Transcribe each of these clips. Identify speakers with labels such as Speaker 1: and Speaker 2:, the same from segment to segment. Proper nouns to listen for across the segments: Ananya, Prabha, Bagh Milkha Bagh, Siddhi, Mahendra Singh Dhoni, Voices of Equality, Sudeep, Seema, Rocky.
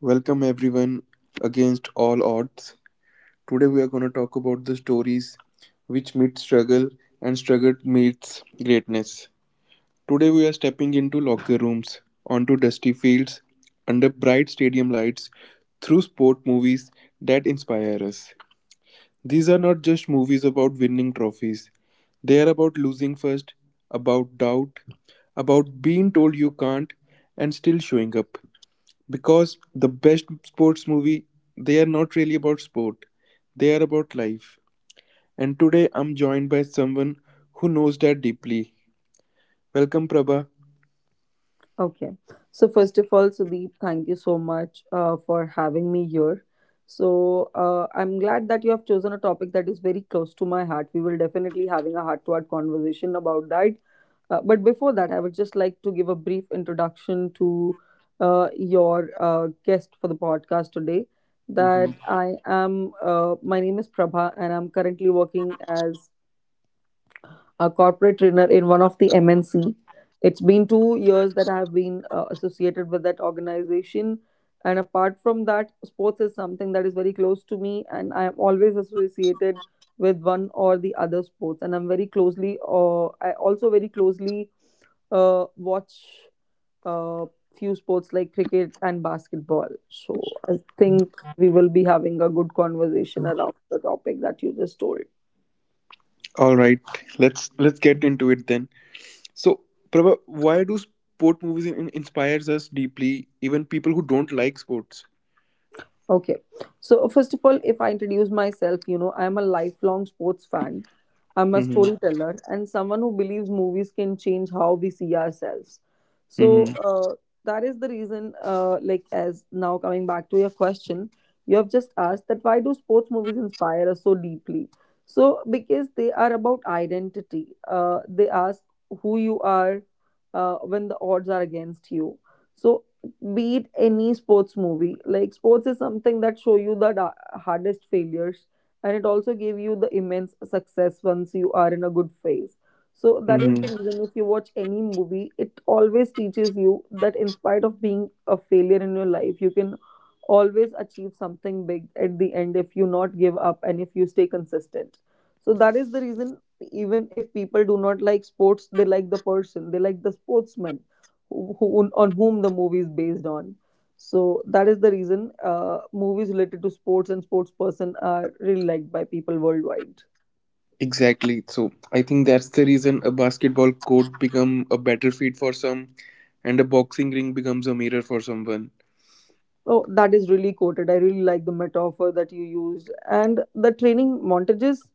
Speaker 1: Welcome, everyone. Against all odds, today we are going to talk about the stories which meet struggle and struggle meets greatness. Today we are stepping into locker rooms, onto dusty fields, under bright stadium lights, through sport movies that inspire us. These are not just movies about winning trophies. They are about losing first, about doubt, about being told you can't and still showing up. Because the best sports movie, they are not really about sport, they are about life. And today I'm joined by someone who knows that deeply. Welcome, Prabha.
Speaker 2: Okay. So first of all, Sudeep, thank you so much for having me here. So I'm glad that you have chosen a topic that is very close to my heart. We will definitely having a heart-to-heart conversation about that. But before that, I would just like to give a brief introduction to your guest for the podcast today.
Speaker 1: Hmm.
Speaker 2: That I am. My name is Prabha, and I'm currently working as a corporate trainer in one of the MNC. It's been 2 years that I've been associated with that organization. And apart from that, sports is something that is very close to me, and I am always associated with one or the other sports. And I'm very closely, I also very closely watch uh, few sports like cricket and basketball. So I think we will be having a good conversation around the topic that you just told.
Speaker 1: All right, let's get into it then. So, Prabha, why do sport movies inspires us deeply, even people who don't like sports?
Speaker 2: Okay. So, first of all, if I introduce myself, you know, I'm a lifelong sports fan. I'm a
Speaker 1: Mm-hmm.
Speaker 2: storyteller and someone who believes movies can change how we see ourselves. So,
Speaker 1: Mm-hmm.
Speaker 2: that is the reason, like, as now coming back to your question, you have just asked that why do sports movies inspire us so deeply? So, because they are about identity, they ask who you are when the odds are against you. So, beat any sports movie. Like sports is something that show you the hardest failures, and it also give you the immense success once you are in a good phase. So that is
Speaker 1: Mm-hmm.
Speaker 2: the reason if you watch any movie, it always teaches you that in spite of being a failure in your life, you can always achieve something big at the end if you not give up and if you stay consistent. So that is the reason even if people do not like sports, they like the person, they like the sportsman on whom the movie is based on. So that is the reason movies related to sports and sports person are really liked by people worldwide.
Speaker 1: Exactly. So I think that's the reason a basketball court become a battlefield for some, and a boxing ring becomes a mirror for someone.
Speaker 2: Oh, that is really quoted. I really like the metaphor that you used. And the training montages,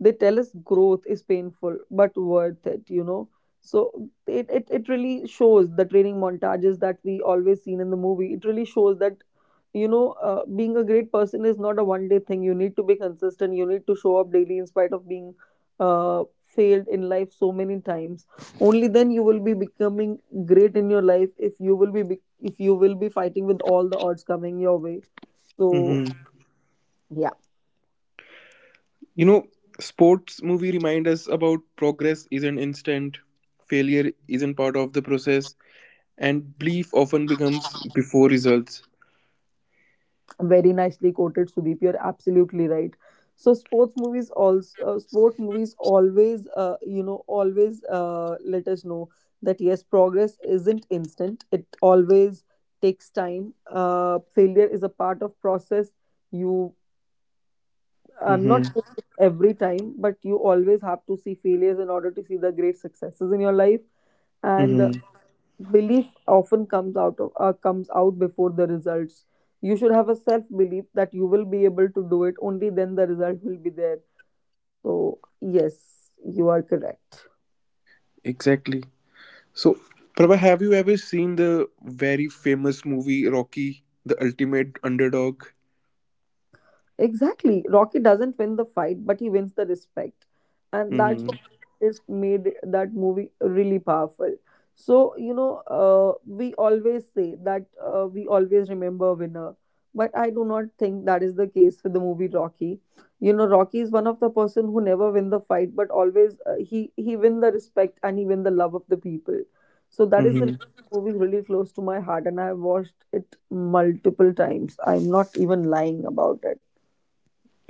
Speaker 2: they tell us growth is painful but worth it, you know. So it really shows the training montages that we always seen in the movie. It really shows that, you know, being a great person is not a one day thing. You need to be consistent. You need to show up daily in spite of being failed in life so many times. Only then you will be becoming great in your life if you will be fighting with all the odds coming your way. So,
Speaker 1: Hmm.
Speaker 2: yeah,
Speaker 1: You know, sports movie remind us about progress isn't instant, failure isn't part of the process, and belief often becomes before results.
Speaker 2: very nicely quoted, Sudeep. You're absolutely right. So, sports movies also, sport movies always, you know, always let us know that yes, progress isn't instant. It always takes time. Failure is a part of process. You, I'm not
Speaker 1: Mm-hmm.
Speaker 2: saying it's every time, but you always have to see failures in order to see the great successes in your life. And
Speaker 1: Mm-hmm.
Speaker 2: belief often comes out of comes out before the results. You should have a self belief that you will be able to do it, only then the result will be there. So yes, you are correct.
Speaker 1: Exactly. So, Prabha, have you ever seen the very famous movie Rocky, the ultimate underdog?
Speaker 2: Exactly. Rocky doesn't win the fight, but he wins the respect. And that's
Speaker 1: Mm-hmm.
Speaker 2: what is made that movie really powerful. So, you know, we always remember a winner. But I do not think that is the case with the movie Rocky. You know, Rocky is one of the person who never win the fight, but always he win the respect and he win the love of the people. So that is the reason
Speaker 1: Mm-hmm.
Speaker 2: the movie is really close to my heart, and I have watched it multiple times. I'm not even lying about it.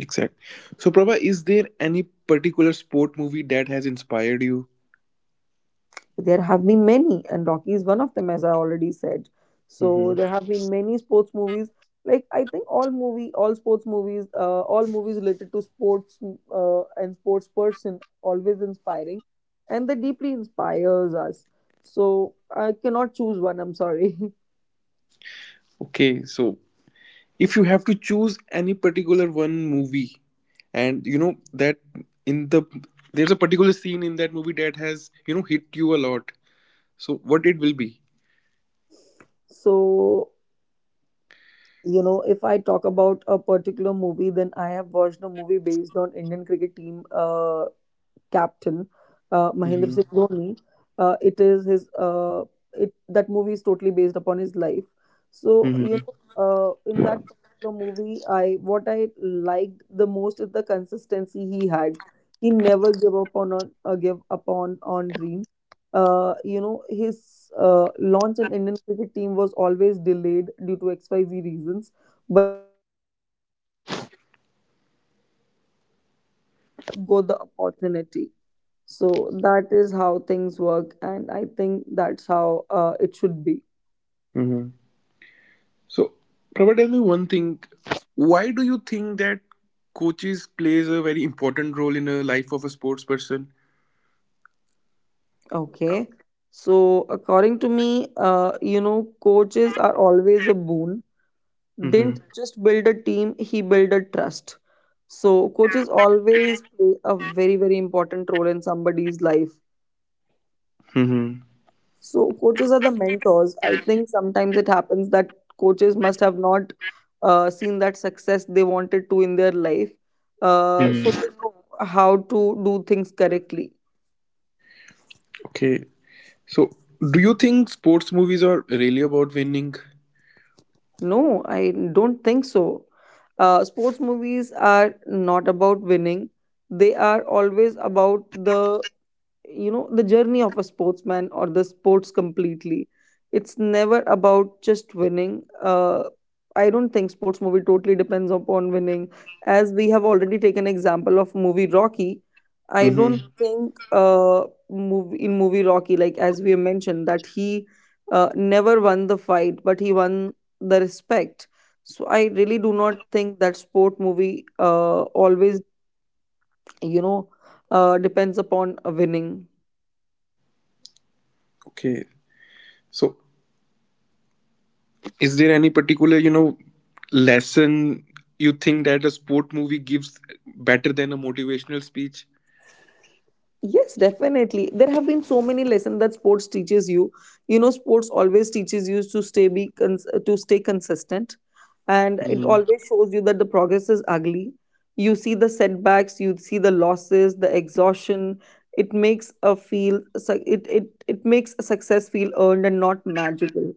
Speaker 1: Exact. So, Prabha, is there any particular sport movie that has inspired you?
Speaker 2: There have been many, and Rocky is one of them, as I already said. So
Speaker 1: Mm-hmm.
Speaker 2: there have been many sports movies. Like I think all sports movies, all movies related to sports and sports person always inspiring, and they deeply inspires us. So I cannot choose one. I'm sorry.
Speaker 1: Okay, so if you have to choose any particular one movie and you know that in the there's a particular scene in that movie that has hit you a lot, so what it will be?
Speaker 2: So you know, if I talk about a particular movie, then I have watched a movie based on Indian cricket team. Captain Mahendra
Speaker 1: Mm-hmm.
Speaker 2: Singh Dhoni. Uh, it is his uh, it that movie is totally based upon his life. So you
Speaker 1: Mm-hmm.
Speaker 2: know, in that particular movie, I what I liked the most is the consistency he had. He never gave up on give up on dreams. You know, his launch in Indian cricket team was always delayed due to XYZ reasons.
Speaker 3: Go the opportunity. So that is how things work, and I think that's how it should be.
Speaker 1: Mm-hmm. So, Prabha, tell me one thing: why do you think that coaches plays a very important role in a life of a sports person?
Speaker 3: Okay. So according to me, coaches are always a boon. Didn't
Speaker 1: Mm-hmm.
Speaker 3: just build a team; he built a trust. So coaches always play a very important role in somebody's life.
Speaker 1: Mm-hmm.
Speaker 3: So coaches are the mentors. I think sometimes it happens that coaches must have not seen that success they wanted to in their life, so they
Speaker 1: Mm-hmm.
Speaker 3: know how to do things correctly.
Speaker 1: Okay, so do you think sports movies are really about winning?
Speaker 3: No, I don't think so. Sports movies are not about winning. They are always about the, the journey of a sportsman or the sports completely. It's never about just winning. I don't think sports movie totally depends upon winning, as we have already taken example of movie Rocky. I don't
Speaker 1: Mm-hmm.
Speaker 3: think in movie Rocky, like as we have mentioned that he never won the fight but he won the respect. So I really do not think that sport movie always, you know depends upon a winning.
Speaker 1: Okay, so is there any particular, lesson you think that a sport movie gives better than a motivational speech?
Speaker 3: Yes, definitely. There have been so many lessons that sports teaches you. You know, sports always teaches you to stay to stay consistent, and it
Speaker 1: Hmm.
Speaker 3: always shows you that the progress is ugly. You see the setbacks, you see the losses, the exhaustion. It makes success feel earned and not magical.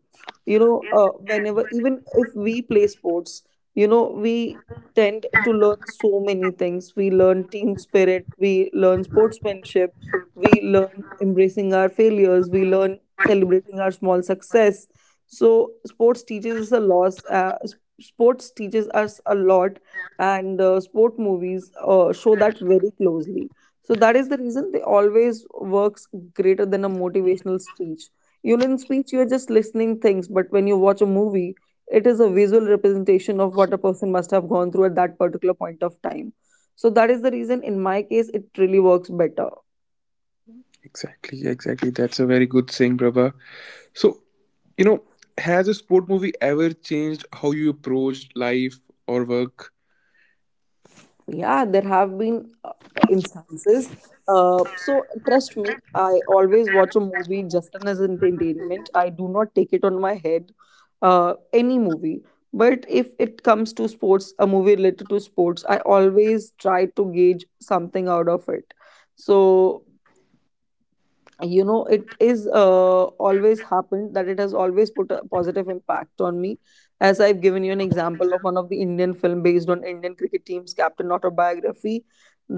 Speaker 3: You know, whenever, even if we play sports, you know, we tend to learn so many things. We learn team spirit, we learn sportsmanship, we learn embracing our failures, we learn celebrating our small success. So, sports teaches us a lot. Sports teaches us a lot, and sport movies show that very closely. So that is the reason they always works greater than a motivational speech. You know, in speech, you are just listening things, but when you watch a movie, it is a visual representation of what a person must have gone through at that particular point of time. So that is the reason in my case it really works better.
Speaker 1: Exactly, exactly. That's a very good saying, Prabha. So, you know, has a sport movie ever changed how you approach life or work?
Speaker 3: Yeah, there have been instances. So trust me, I always watch a movie just as an entertainment, I do not take it on my head, any movie. But if it comes to sports, a movie related to sports, I always try to gauge something out of it. So, you know, it is always happened that it has always put a positive impact on me. As I've given you an example of one of the Indian film based on Indian cricket team's captain autobiography,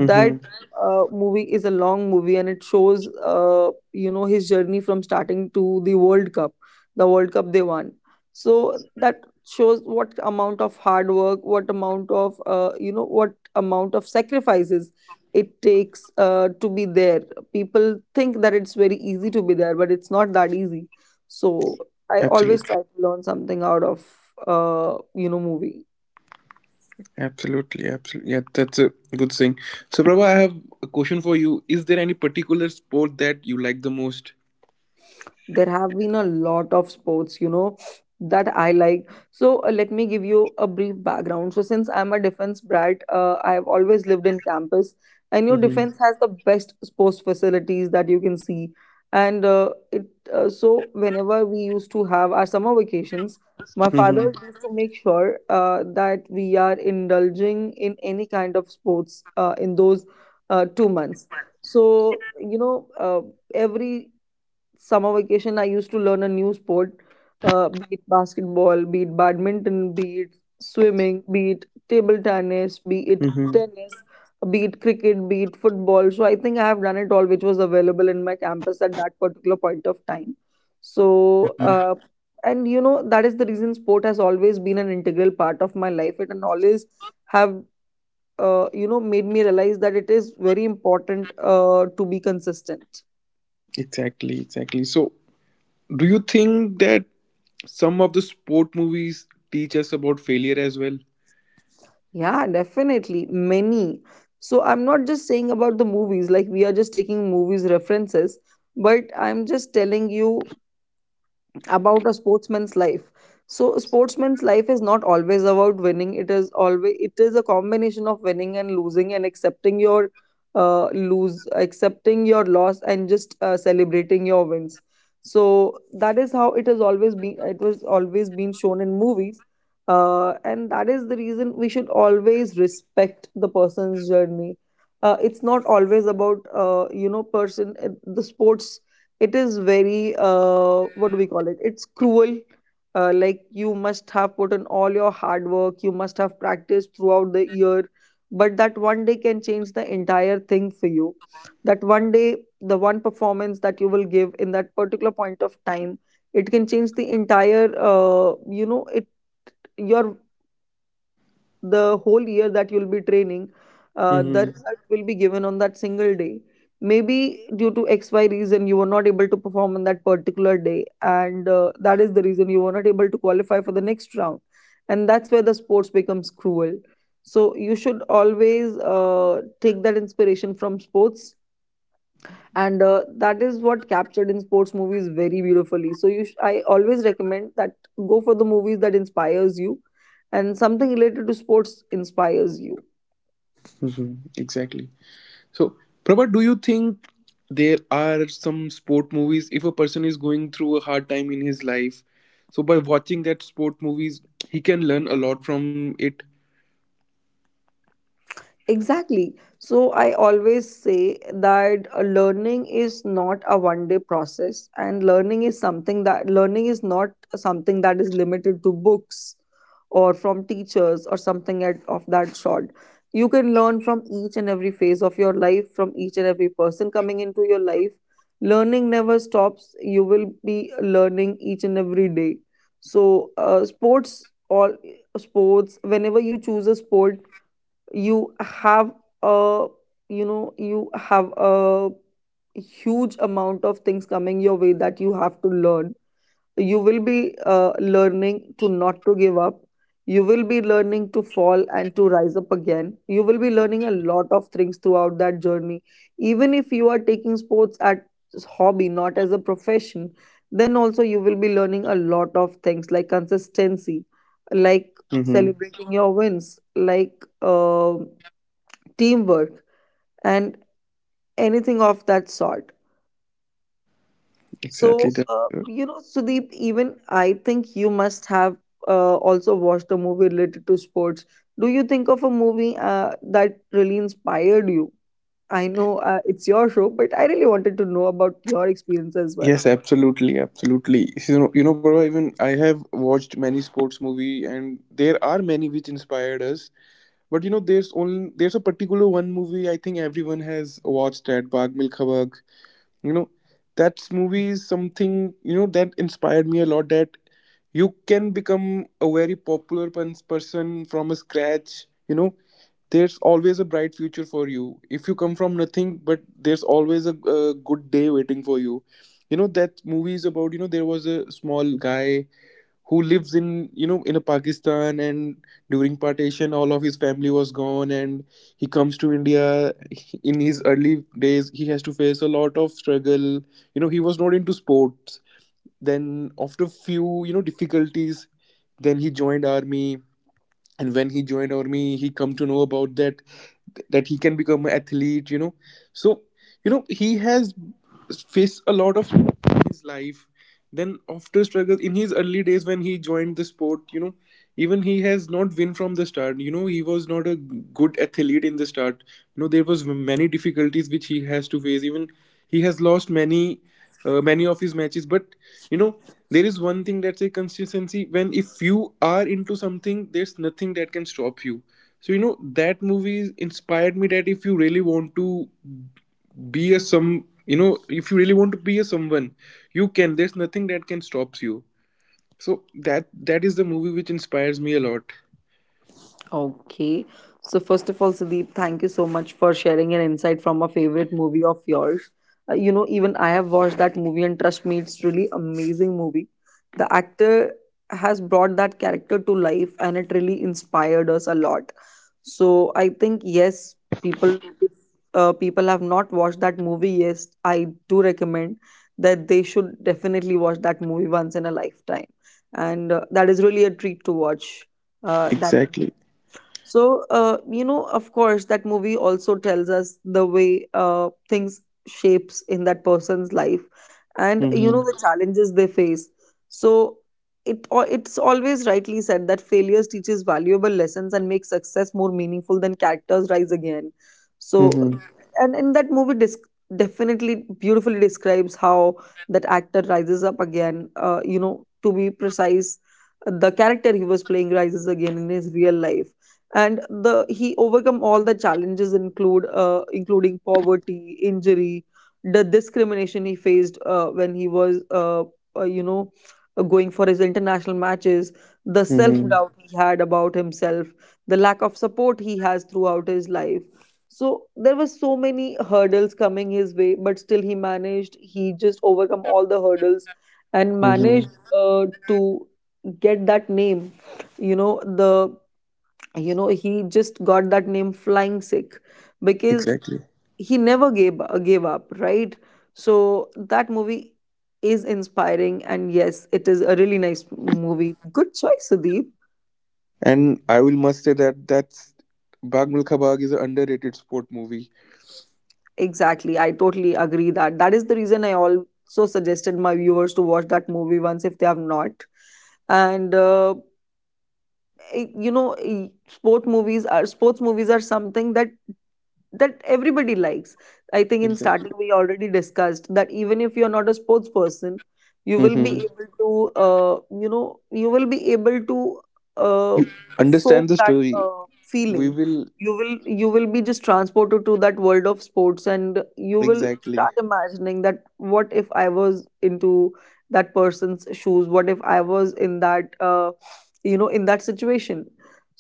Speaker 1: Mm-hmm.
Speaker 3: movie is a long movie and it shows, his journey from starting to the World Cup, the World Cup they won. So that shows what amount of hard work, what amount of what amount of sacrifices it takes to be there. People think that it's very easy to be there, but it's not that easy. So I always
Speaker 1: Absolutely,
Speaker 3: try to learn something out of movie.
Speaker 1: absolutely, absolutely. Yeah, that's a good thing. So, Prabha, I have a question for you. Is there any particular sport that you like the most?
Speaker 3: There have been a lot of sports, you know, that I like. So let me give you a brief background. So since I'm a defense brat, I have always lived in campus, and your defense
Speaker 1: Mm-hmm.
Speaker 3: has the best sports facilities that you can see. And it so whenever we used to have our summer vacations, my father
Speaker 1: Mm-hmm.
Speaker 3: used to make sure that we are indulging in any kind of sports in those 2 months. So, you know uh, every summer vacation I used to learn a new sport. Be it basketball, be it badminton, be it swimming, be it table tennis, be it
Speaker 1: Mm-hmm.
Speaker 3: tennis, be it cricket, be it football. So I think I have done it all which was available in my campus at that particular point of time. So, uh, and you know that is the reason sport has always been an integral part of my life. It and always have made me realize that it is very important to be consistent.
Speaker 1: Exactly, exactly. So, do you think that some of the sport movies teach us about failure as well?
Speaker 3: Yeah, definitely. Many. So I'm not just saying about the movies, like we are just taking movies references, but I'm just telling you about a sportsman's life. So a sportsman's life is not always about winning. It is always, it is a combination of winning and losing and accepting your lose accepting your loss and just celebrating your wins. So that is how it has always been, it was always been shown in movies. And that is the reason we should always respect the person's journey. It's not always about person the sports. It is very what do we call it, it's cruel. Like you must have put in all your hard work, you must have practiced throughout the year, but that one day can change the entire thing for you. That one day, the one performance that you will give in that particular point of time, it can change the entire you know it your, the whole year that you'll be training, the
Speaker 1: Hmm.
Speaker 3: result will be given on that single day. Maybe due to X, Y reason, you were not able to perform on that particular day, and that is the reason you were not able to qualify for the next round. And that's where the sports becomes cruel. So you should always take that inspiration from sports, and that is what captured in sports movies very beautifully. So I always recommend that, go for the movies that inspires you, and something related to sports inspires you.
Speaker 1: Hmm. Exactly. So, Prabha, do you think there are some sport movies if a person is going through a hard time in his life? So, by watching that sport movies, he can learn a lot from it.
Speaker 3: Exactly. So I always say that learning is not a one day process, and learning is something that learning is not something that is limited to books or from teachers or something at, of that sort. You can learn from each and every phase of your life, from each and every person coming into your life. Learning never stops. You will be learning each and every day. So sports, whenever you choose a sport, you have a, you have a huge amount of things coming your way that you have to learn. You will be learning to not to give up, you will be learning to fall and to rise up again, you will be learning a lot of things throughout that journey. Even if you are taking sports at hobby, not as a profession, then also you will be learning a lot of things like consistency, like
Speaker 1: Hmm.
Speaker 3: celebrating your wins, like um, teamwork, and anything of that sort.
Speaker 1: Exactly.
Speaker 3: So,
Speaker 1: That.
Speaker 3: Sudeep, even I think you must have also watched a movie related to sports. Do you think of a movie that really inspired you? I know it's your show, but I really wanted to know about your experience as well.
Speaker 1: Yes, absolutely, absolutely. You know, Prabha, even I have watched many sports movie, and there are many which inspired us. But you know, there's a particular one movie I think everyone has watched at Bagh Milkha Bagh. You know, that movie is something that inspired me a lot. That you can become a very popular person from a scratch. You know, there's always a bright future for you if you come from nothing. But there's always a good day waiting for you. You know that movie is about. You know, there was a small guy who lives in you know in a pakistan, and during partition all of his family was gone, and he comes to india. In his early days he has to face a lot of struggle. You know, he was not into sports. Then after few difficulties, then he joined army. And when he joined army he come to know about that, that he can become an athlete. So he has faced a lot of in his life. Then after struggle in his early days when he joined the sport, even he has not win from the start. You know, he was not a good athlete in the start. You know, there was many difficulties which he has to face. Even he has lost many of his matches. But you know there is one thing, that's a consistency: when if you are into something there's nothing that can stop you. So that movie inspired me that if you really want to be a some you know if you really want to be a someone, you can, there's nothing that can stops you. So that is the movie which inspires me a lot.
Speaker 3: Okay. So first of all, Sudeep, thank you so much for sharing an insight from a favorite movie of yours. Even I have watched that movie, and trust me, it's really amazing movie. The actor has brought that character to life, and it really inspired us a lot. So I think yes, people if people have not watched that movie, yes, I do recommend that they should definitely watch that movie once in a lifetime, and that is really a treat to watch that.
Speaker 1: Exactly.
Speaker 3: So, of course, that movie also tells us the way things shapes in that person's life, and you know
Speaker 1: Mm-hmm.
Speaker 3: the challenges they face. So, it's always rightly said that failures teaches valuable lessons and makes success more meaningful than characters rise again. So,
Speaker 1: Mm-hmm.
Speaker 3: and in that movie, definitely beautifully describes how that actor rises up again. To be precise, the character he was playing rises again in his real life and the he overcome all the challenges include including poverty injury the discrimination he faced when he was uh, you know going for his international matches, the self
Speaker 1: Mm-hmm.
Speaker 3: doubt he had about himself, the lack of support he has throughout his life. So there were so many hurdles coming his way, but still he just overcome all the hurdles and
Speaker 1: Mm-hmm.
Speaker 3: managed to get that name, you know the you know he just got that name flying sick, because
Speaker 1: Exactly.
Speaker 3: he never gave up, right? So that movie is inspiring, and yes, it is a really nice movie. Good choice, Sudeep.
Speaker 1: And I will must say that that's Bag Milkha Bag is an underrated sport movie.
Speaker 3: Exactly, I totally agree. That is the reason I also suggested my viewers to watch that movie once if they have not. And eh, you know eh, sport movies are sports movies are something that everybody likes. I think in
Speaker 1: Exactly.
Speaker 3: starting we already discussed that even if you're not a sports person, you will be
Speaker 1: Mm-hmm.
Speaker 3: able to uh, you know you will be able to uh,
Speaker 1: You
Speaker 3: soak
Speaker 1: understand the
Speaker 3: that
Speaker 1: story.
Speaker 3: feeling.
Speaker 1: We will,
Speaker 3: You will you will be just transported to that world of sports, and you will
Speaker 1: exactly.
Speaker 3: start imagining that what if I was into that person's shoes, what if I was in that in that situation.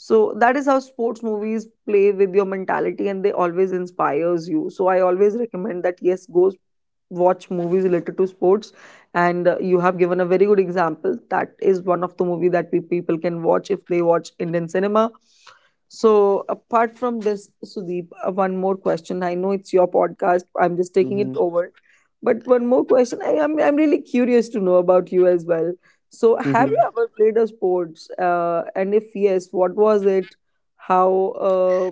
Speaker 3: So that is how sports movies play with your mentality, and they always inspires you. So I always recommend that yes, go watch movies related to sports. And you have given a very good example. That is one of the movie that we people can watch if they watch Indian cinema. So apart from this, Sudeep, one more question, I know it's your podcast, I'm just taking it
Speaker 1: Mm-hmm.
Speaker 3: over, but one more question, I'm really curious to know about you as well. So, have
Speaker 1: Mm-hmm.
Speaker 3: you ever played a sports? And if yes, what was it? How,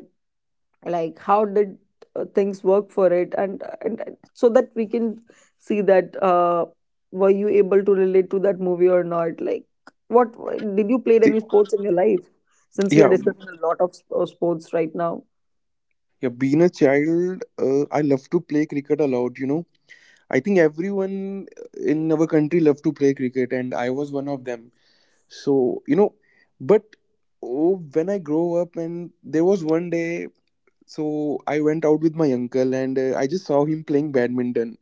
Speaker 3: like, how did things work for it? And so that we can see that were you able to relate to that movie or not? Like, what, did you play
Speaker 1: See,
Speaker 3: any sports in your life? Since we are
Speaker 1: yeah,
Speaker 3: discussing a lot of sports right now.
Speaker 1: yeah. Being a child, I love to play cricket a lot. You know, I think everyone in our country love to play cricket, and I was one of them. So, but oh, when I grow up, and there was one day, so I went out with my uncle, and I just saw him playing badminton,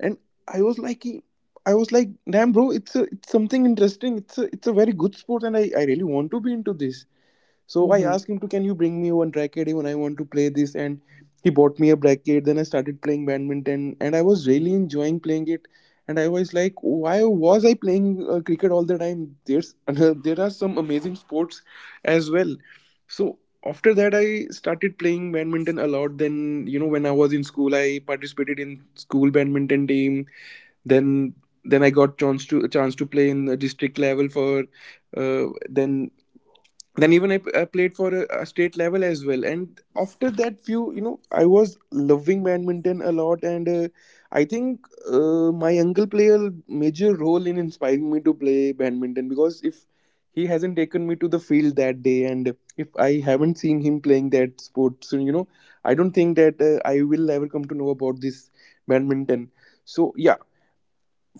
Speaker 1: and I was like, damn, bro, it's a, it's something interesting. It's a very good sport, and I really want to be into this. So I
Speaker 3: Mm-hmm.
Speaker 1: asked him to, can you bring me one racket, even I want to play this? And he bought me a racket. Then I started playing badminton and I was really enjoying playing it. And I was like, why was I playing cricket all the time? There's there are some amazing sports as well. So after that, I started playing badminton a lot. Then when I was in school, I participated in school badminton team. Then then I got chance to a chance to play in the district level for uh, then then even I played for a state level as well. And after that, few I was loving badminton a lot. And I think my uncle played a major role in inspiring me to play badminton, because if he hasn't taken me to the field that day, and if I haven't seen him playing that sport, so I don't think that I will ever come to know about this badminton. So yeah,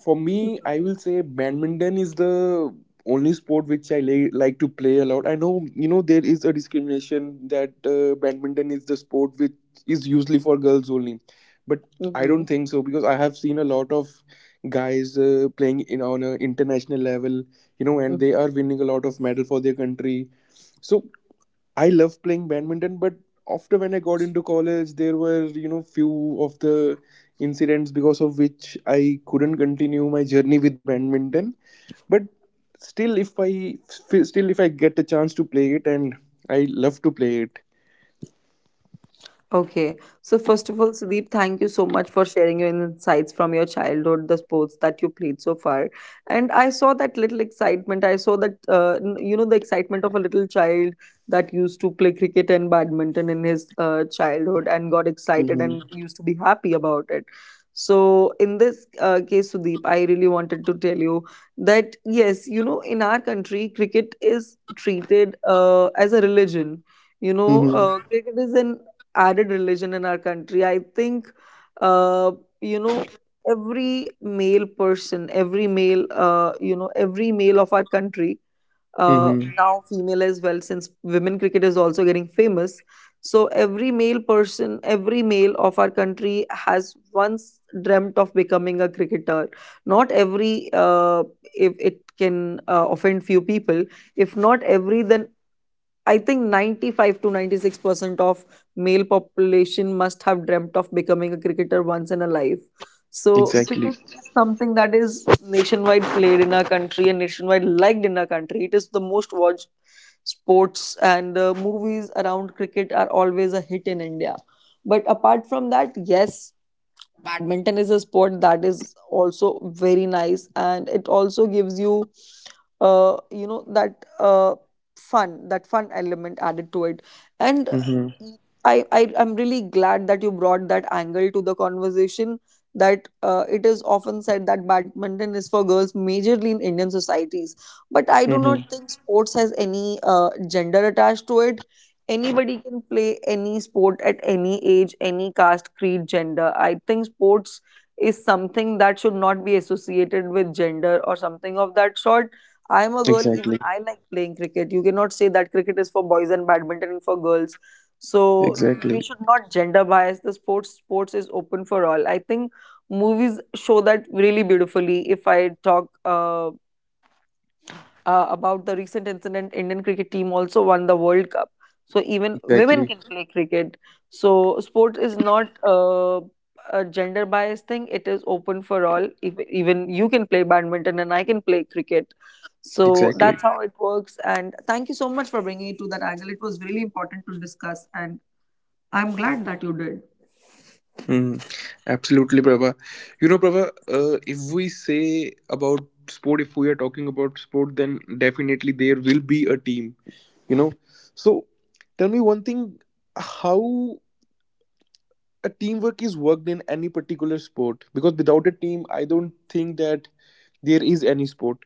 Speaker 1: for me, I will say badminton is the only sport which I like to play a lot. I know, there is a discrimination that badminton is the sport which is usually for girls only. But I
Speaker 3: Mm-hmm.
Speaker 1: don't think so, because I have seen a lot of guys playing in on an international level, and they are
Speaker 3: Mm-hmm.
Speaker 1: winning a lot of medal for their country. So I love playing badminton, but after when I got into college, there were few of the incidents because of which I couldn't continue my journey with badminton. But still, if I get a chance to play it, and I love to play it.
Speaker 3: Okay. So first of all, Sudeep, thank you so much for sharing your insights from your childhood, the sports that you played so far. And I saw that little excitement. I saw that the excitement of a little child that used to play cricket and badminton in his childhood and got excited and
Speaker 1: Mm-hmm.
Speaker 3: used to be happy about it. So in this case, Sudeep, I really wanted to tell you that yes, you know, in our country, cricket is treated as a religion. You know,
Speaker 1: Mm-hmm.
Speaker 3: cricket is an added religion in our country. I think, uh, you know, every male person, every male, every male of our country,
Speaker 1: Mm-hmm.
Speaker 3: now female as well, since women cricket is also getting famous. So every male person, every male of our country has once dreamt of becoming a cricketer. Not every, if it can offend few people, if not every, then I think 95 to 96% of male population must have dreamt of becoming a cricketer once in a life. So,
Speaker 1: Exactly.
Speaker 3: cricket is something that is nationwide played in our country and nationwide liked in our country. It is the most watched sports, and movies around cricket are always a hit in India. But apart from that, yes, badminton is a sport that is also very nice, and it also gives you you know that fun, that fun element added to it. and uh,
Speaker 1: Mm-hmm.
Speaker 3: I, I I'm really glad that you brought that angle to the conversation, that it is often said that badminton is for girls majorly in Indian societies, but I do not
Speaker 1: Mm-hmm.
Speaker 3: think sports has any gender attached to it. Anybody can play any sport at any age, any caste, creed, gender. I think sports is something that should not be associated with gender or something of that sort. I'm a girl, even
Speaker 1: Exactly.
Speaker 3: I like playing cricket. You cannot say that cricket is for boys and badminton is for girls. So we
Speaker 1: Exactly.
Speaker 3: should not gender bias the sports. Sports is open for all. I think movies show that really beautifully. If I talk about the recent incident, Indian cricket team also won the World Cup, so even women
Speaker 1: Exactly.
Speaker 3: can play cricket. So sports is not a gender biased thing, it is open for all. If, even you can play badminton and I can play cricket. So
Speaker 1: Exactly.
Speaker 3: that's how it works, and thank you so much for bringing it to that angle, it was really important to discuss, and I'm glad that you did.
Speaker 1: Mm, absolutely, Prabha. You know, Prabha, if we say about sport, if we are talking about sport, then definitely there will be a team, you know. So tell me one thing: how a teamwork is worked in any particular sport? Because without a team, I don't think that there is any sport.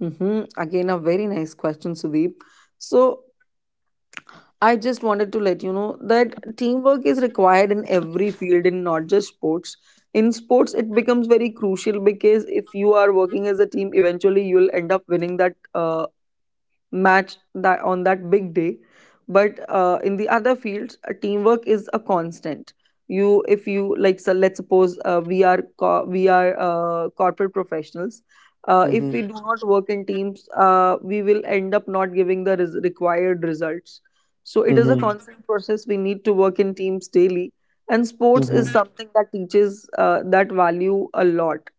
Speaker 3: Mm-hmm. Again, a very nice question, Sudeep. So, I just wanted to let you know that teamwork is required in every field, in not just sports. In sports, it becomes very crucial because if you are working as a team, eventually you will end up winning that match, that on that big day. But in the other fields, teamwork is a constant. You if you like, so let's suppose we are co- we are corporate professionals. If
Speaker 1: Mm-hmm.
Speaker 3: we do not work in teams, we will end up not giving the required results. So it is a
Speaker 1: Mm-hmm.
Speaker 3: constant process, we need to work in teams daily. And sports is
Speaker 1: Mm-hmm.
Speaker 3: something that teaches that value a lot.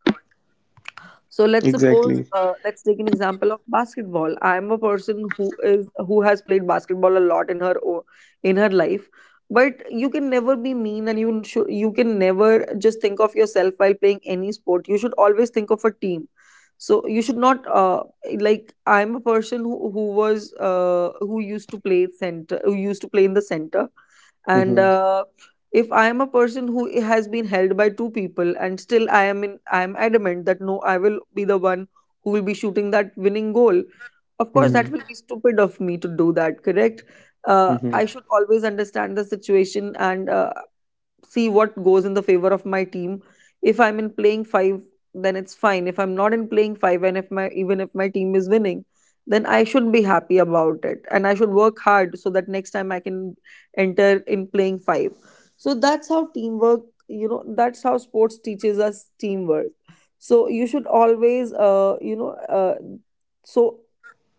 Speaker 3: So let's suppose,
Speaker 1: Exactly.
Speaker 3: let's take an example of basketball. I am a person who has played basketball a lot in her life, but you can never be mean, and you can never just think of yourself while playing any sport. You should always think of a team. So you should not like, I'm a person who was who used to play in the center, and
Speaker 1: Mm-hmm.
Speaker 3: if I am a person who has been held by two people, and still I am adamant that no, I will be the one who will be shooting that winning goal, of course that
Speaker 1: Mm-hmm.
Speaker 3: will be stupid of me to do that, correct?
Speaker 1: Mm-hmm.
Speaker 3: I should always understand the situation, and see what goes in the favor of my team. If I'm in playing five, then it's fine. If I'm not in playing five, and if my even if my team is winning, then I should be happy about it, and I should work hard so that next time I can enter in playing five. So that's how teamwork. You know, that's how sports teaches us teamwork. So you should always, so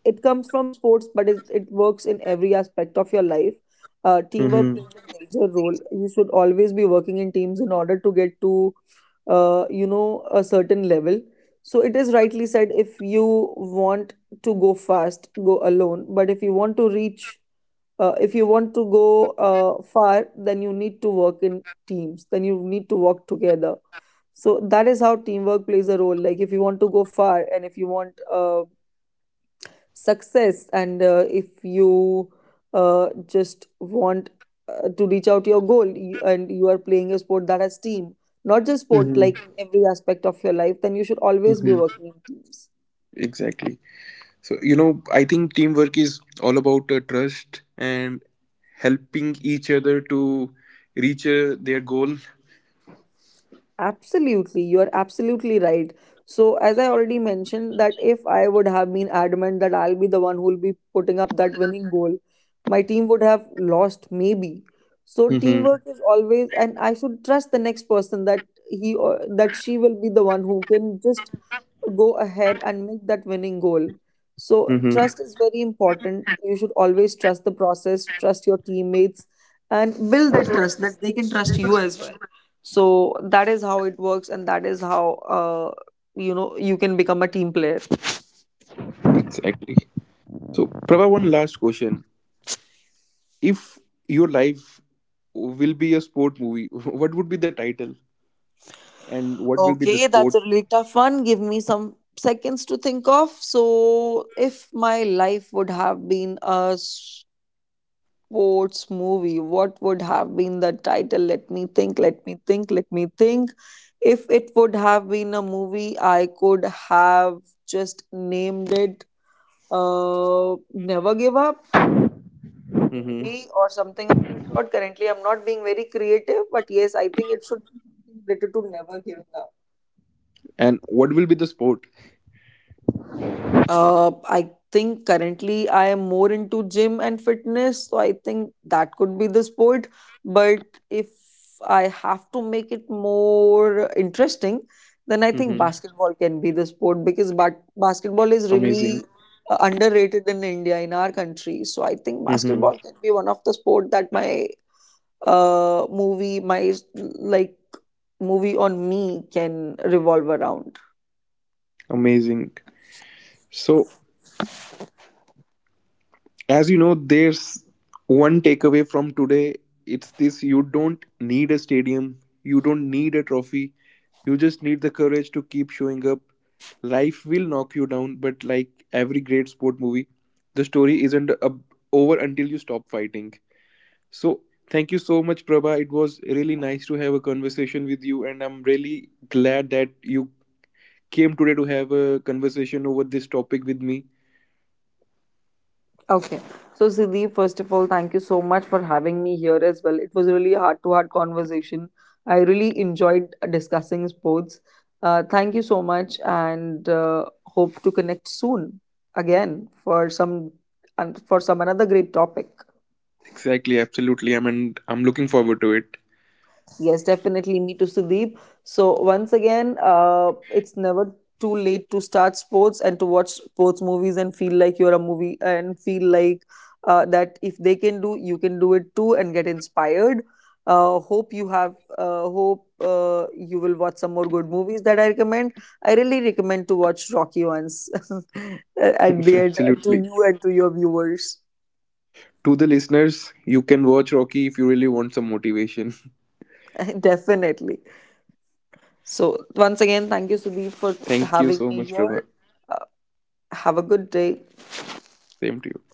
Speaker 3: it comes from sports, but it works in every aspect of your life. Teamwork
Speaker 1: Mm-hmm.
Speaker 3: plays a major role. You should always be working in teams in order to get to a certain level. So it is rightly said, if you want to go fast, go alone, but if you want to reach if you want to go far, then you need to work in teams, then you need to work together. So that is how teamwork plays a role. Like if you want to go far, and if you want success, and if you just want to reach out your goal, and you are playing a sport that has team, not just sport,
Speaker 1: Mm-hmm.
Speaker 3: like in every aspect of your life, then you should always be
Speaker 1: Mm-hmm.
Speaker 3: working in teams.
Speaker 1: Exactly. So, I think teamwork is all about trust and helping each other to reach their goal.
Speaker 3: Absolutely, you are absolutely right. So, as I already mentioned, that if I would have been adamant that I'll be the one who will be putting up that winning goal, my team would have lost, maybe. So,
Speaker 1: Hmm.
Speaker 3: teamwork is always, and I should trust the next person, that he or that she will be the one who can just go ahead and make that winning goal. So,
Speaker 1: Hmm.
Speaker 3: trust is very important. You should always trust the process, trust your teammates, and build that trust that they can trust you as well. So, that is how it works, and that is how, you can become a team player.
Speaker 1: Exactly. So, Prabha, one last question. If your life will be a sport movie, what would be the title? And what will be the
Speaker 3: Okay,
Speaker 1: sport?
Speaker 3: that's a really tough one. Give me some seconds to think of. So, if my life would have been a sports movie, what would have been the title? Let me think, let me think, let me think. If it would have been a movie, I could have just named it Never Give Up,
Speaker 1: Hmm.
Speaker 3: maybe, or something of that sort. Currently, I'm not being very creative, but yes, I think it should be related to Never Giving Up.
Speaker 1: And what will be the sport?
Speaker 3: I think currently I am more into gym and fitness, so I think that could be the sport. But if I have to make it more interesting, then I think
Speaker 1: Hmm.
Speaker 3: basketball can be the sport, because basketball is
Speaker 1: Amazing.
Speaker 3: really underrated in India, in our country. So I think
Speaker 1: Hmm.
Speaker 3: basketball can be one of the sport that my movie, my like movie on me can revolve around.
Speaker 1: Amazing. So, as you know, there's one takeaway from today. It's this: you don't need a stadium, you don't need a trophy, you just need the courage to keep showing up. Life will knock you down, but like every great sport movie, the story isn't over until you stop fighting. So, thank you so much, Prabha. It was really nice to have a conversation with you, and I'm really glad that you came today to have a conversation over this topic with me.
Speaker 3: Okay. So, Siddhi, first of all, thank you so much for having me here as well. It was really a heart to heart conversation. I really enjoyed discussing sports. Thank you so much, and hope to connect soon again for some, and for some another great topic.
Speaker 1: Exactly, absolutely. I mean, I'm looking forward to it.
Speaker 3: Yes, definitely. Me too, Sudeep. So, once again, it's never too late to start sports and to watch sports movies and feel like you're a movie, and feel like that if they can do, you can do it too and get inspired. Hope you will watch some more good movies that I recommend. I really recommend to watch Rocky once at the end to
Speaker 1: Absolutely.
Speaker 3: you and to your viewers.
Speaker 1: To the listeners, you can watch Rocky if you really want some motivation.
Speaker 3: Definitely. So, once again, thank you, Sudeep, for
Speaker 1: Thank you
Speaker 3: having
Speaker 1: so
Speaker 3: me
Speaker 1: much, Prabha.
Speaker 3: here. Uh, Have a good day.
Speaker 1: Same to you.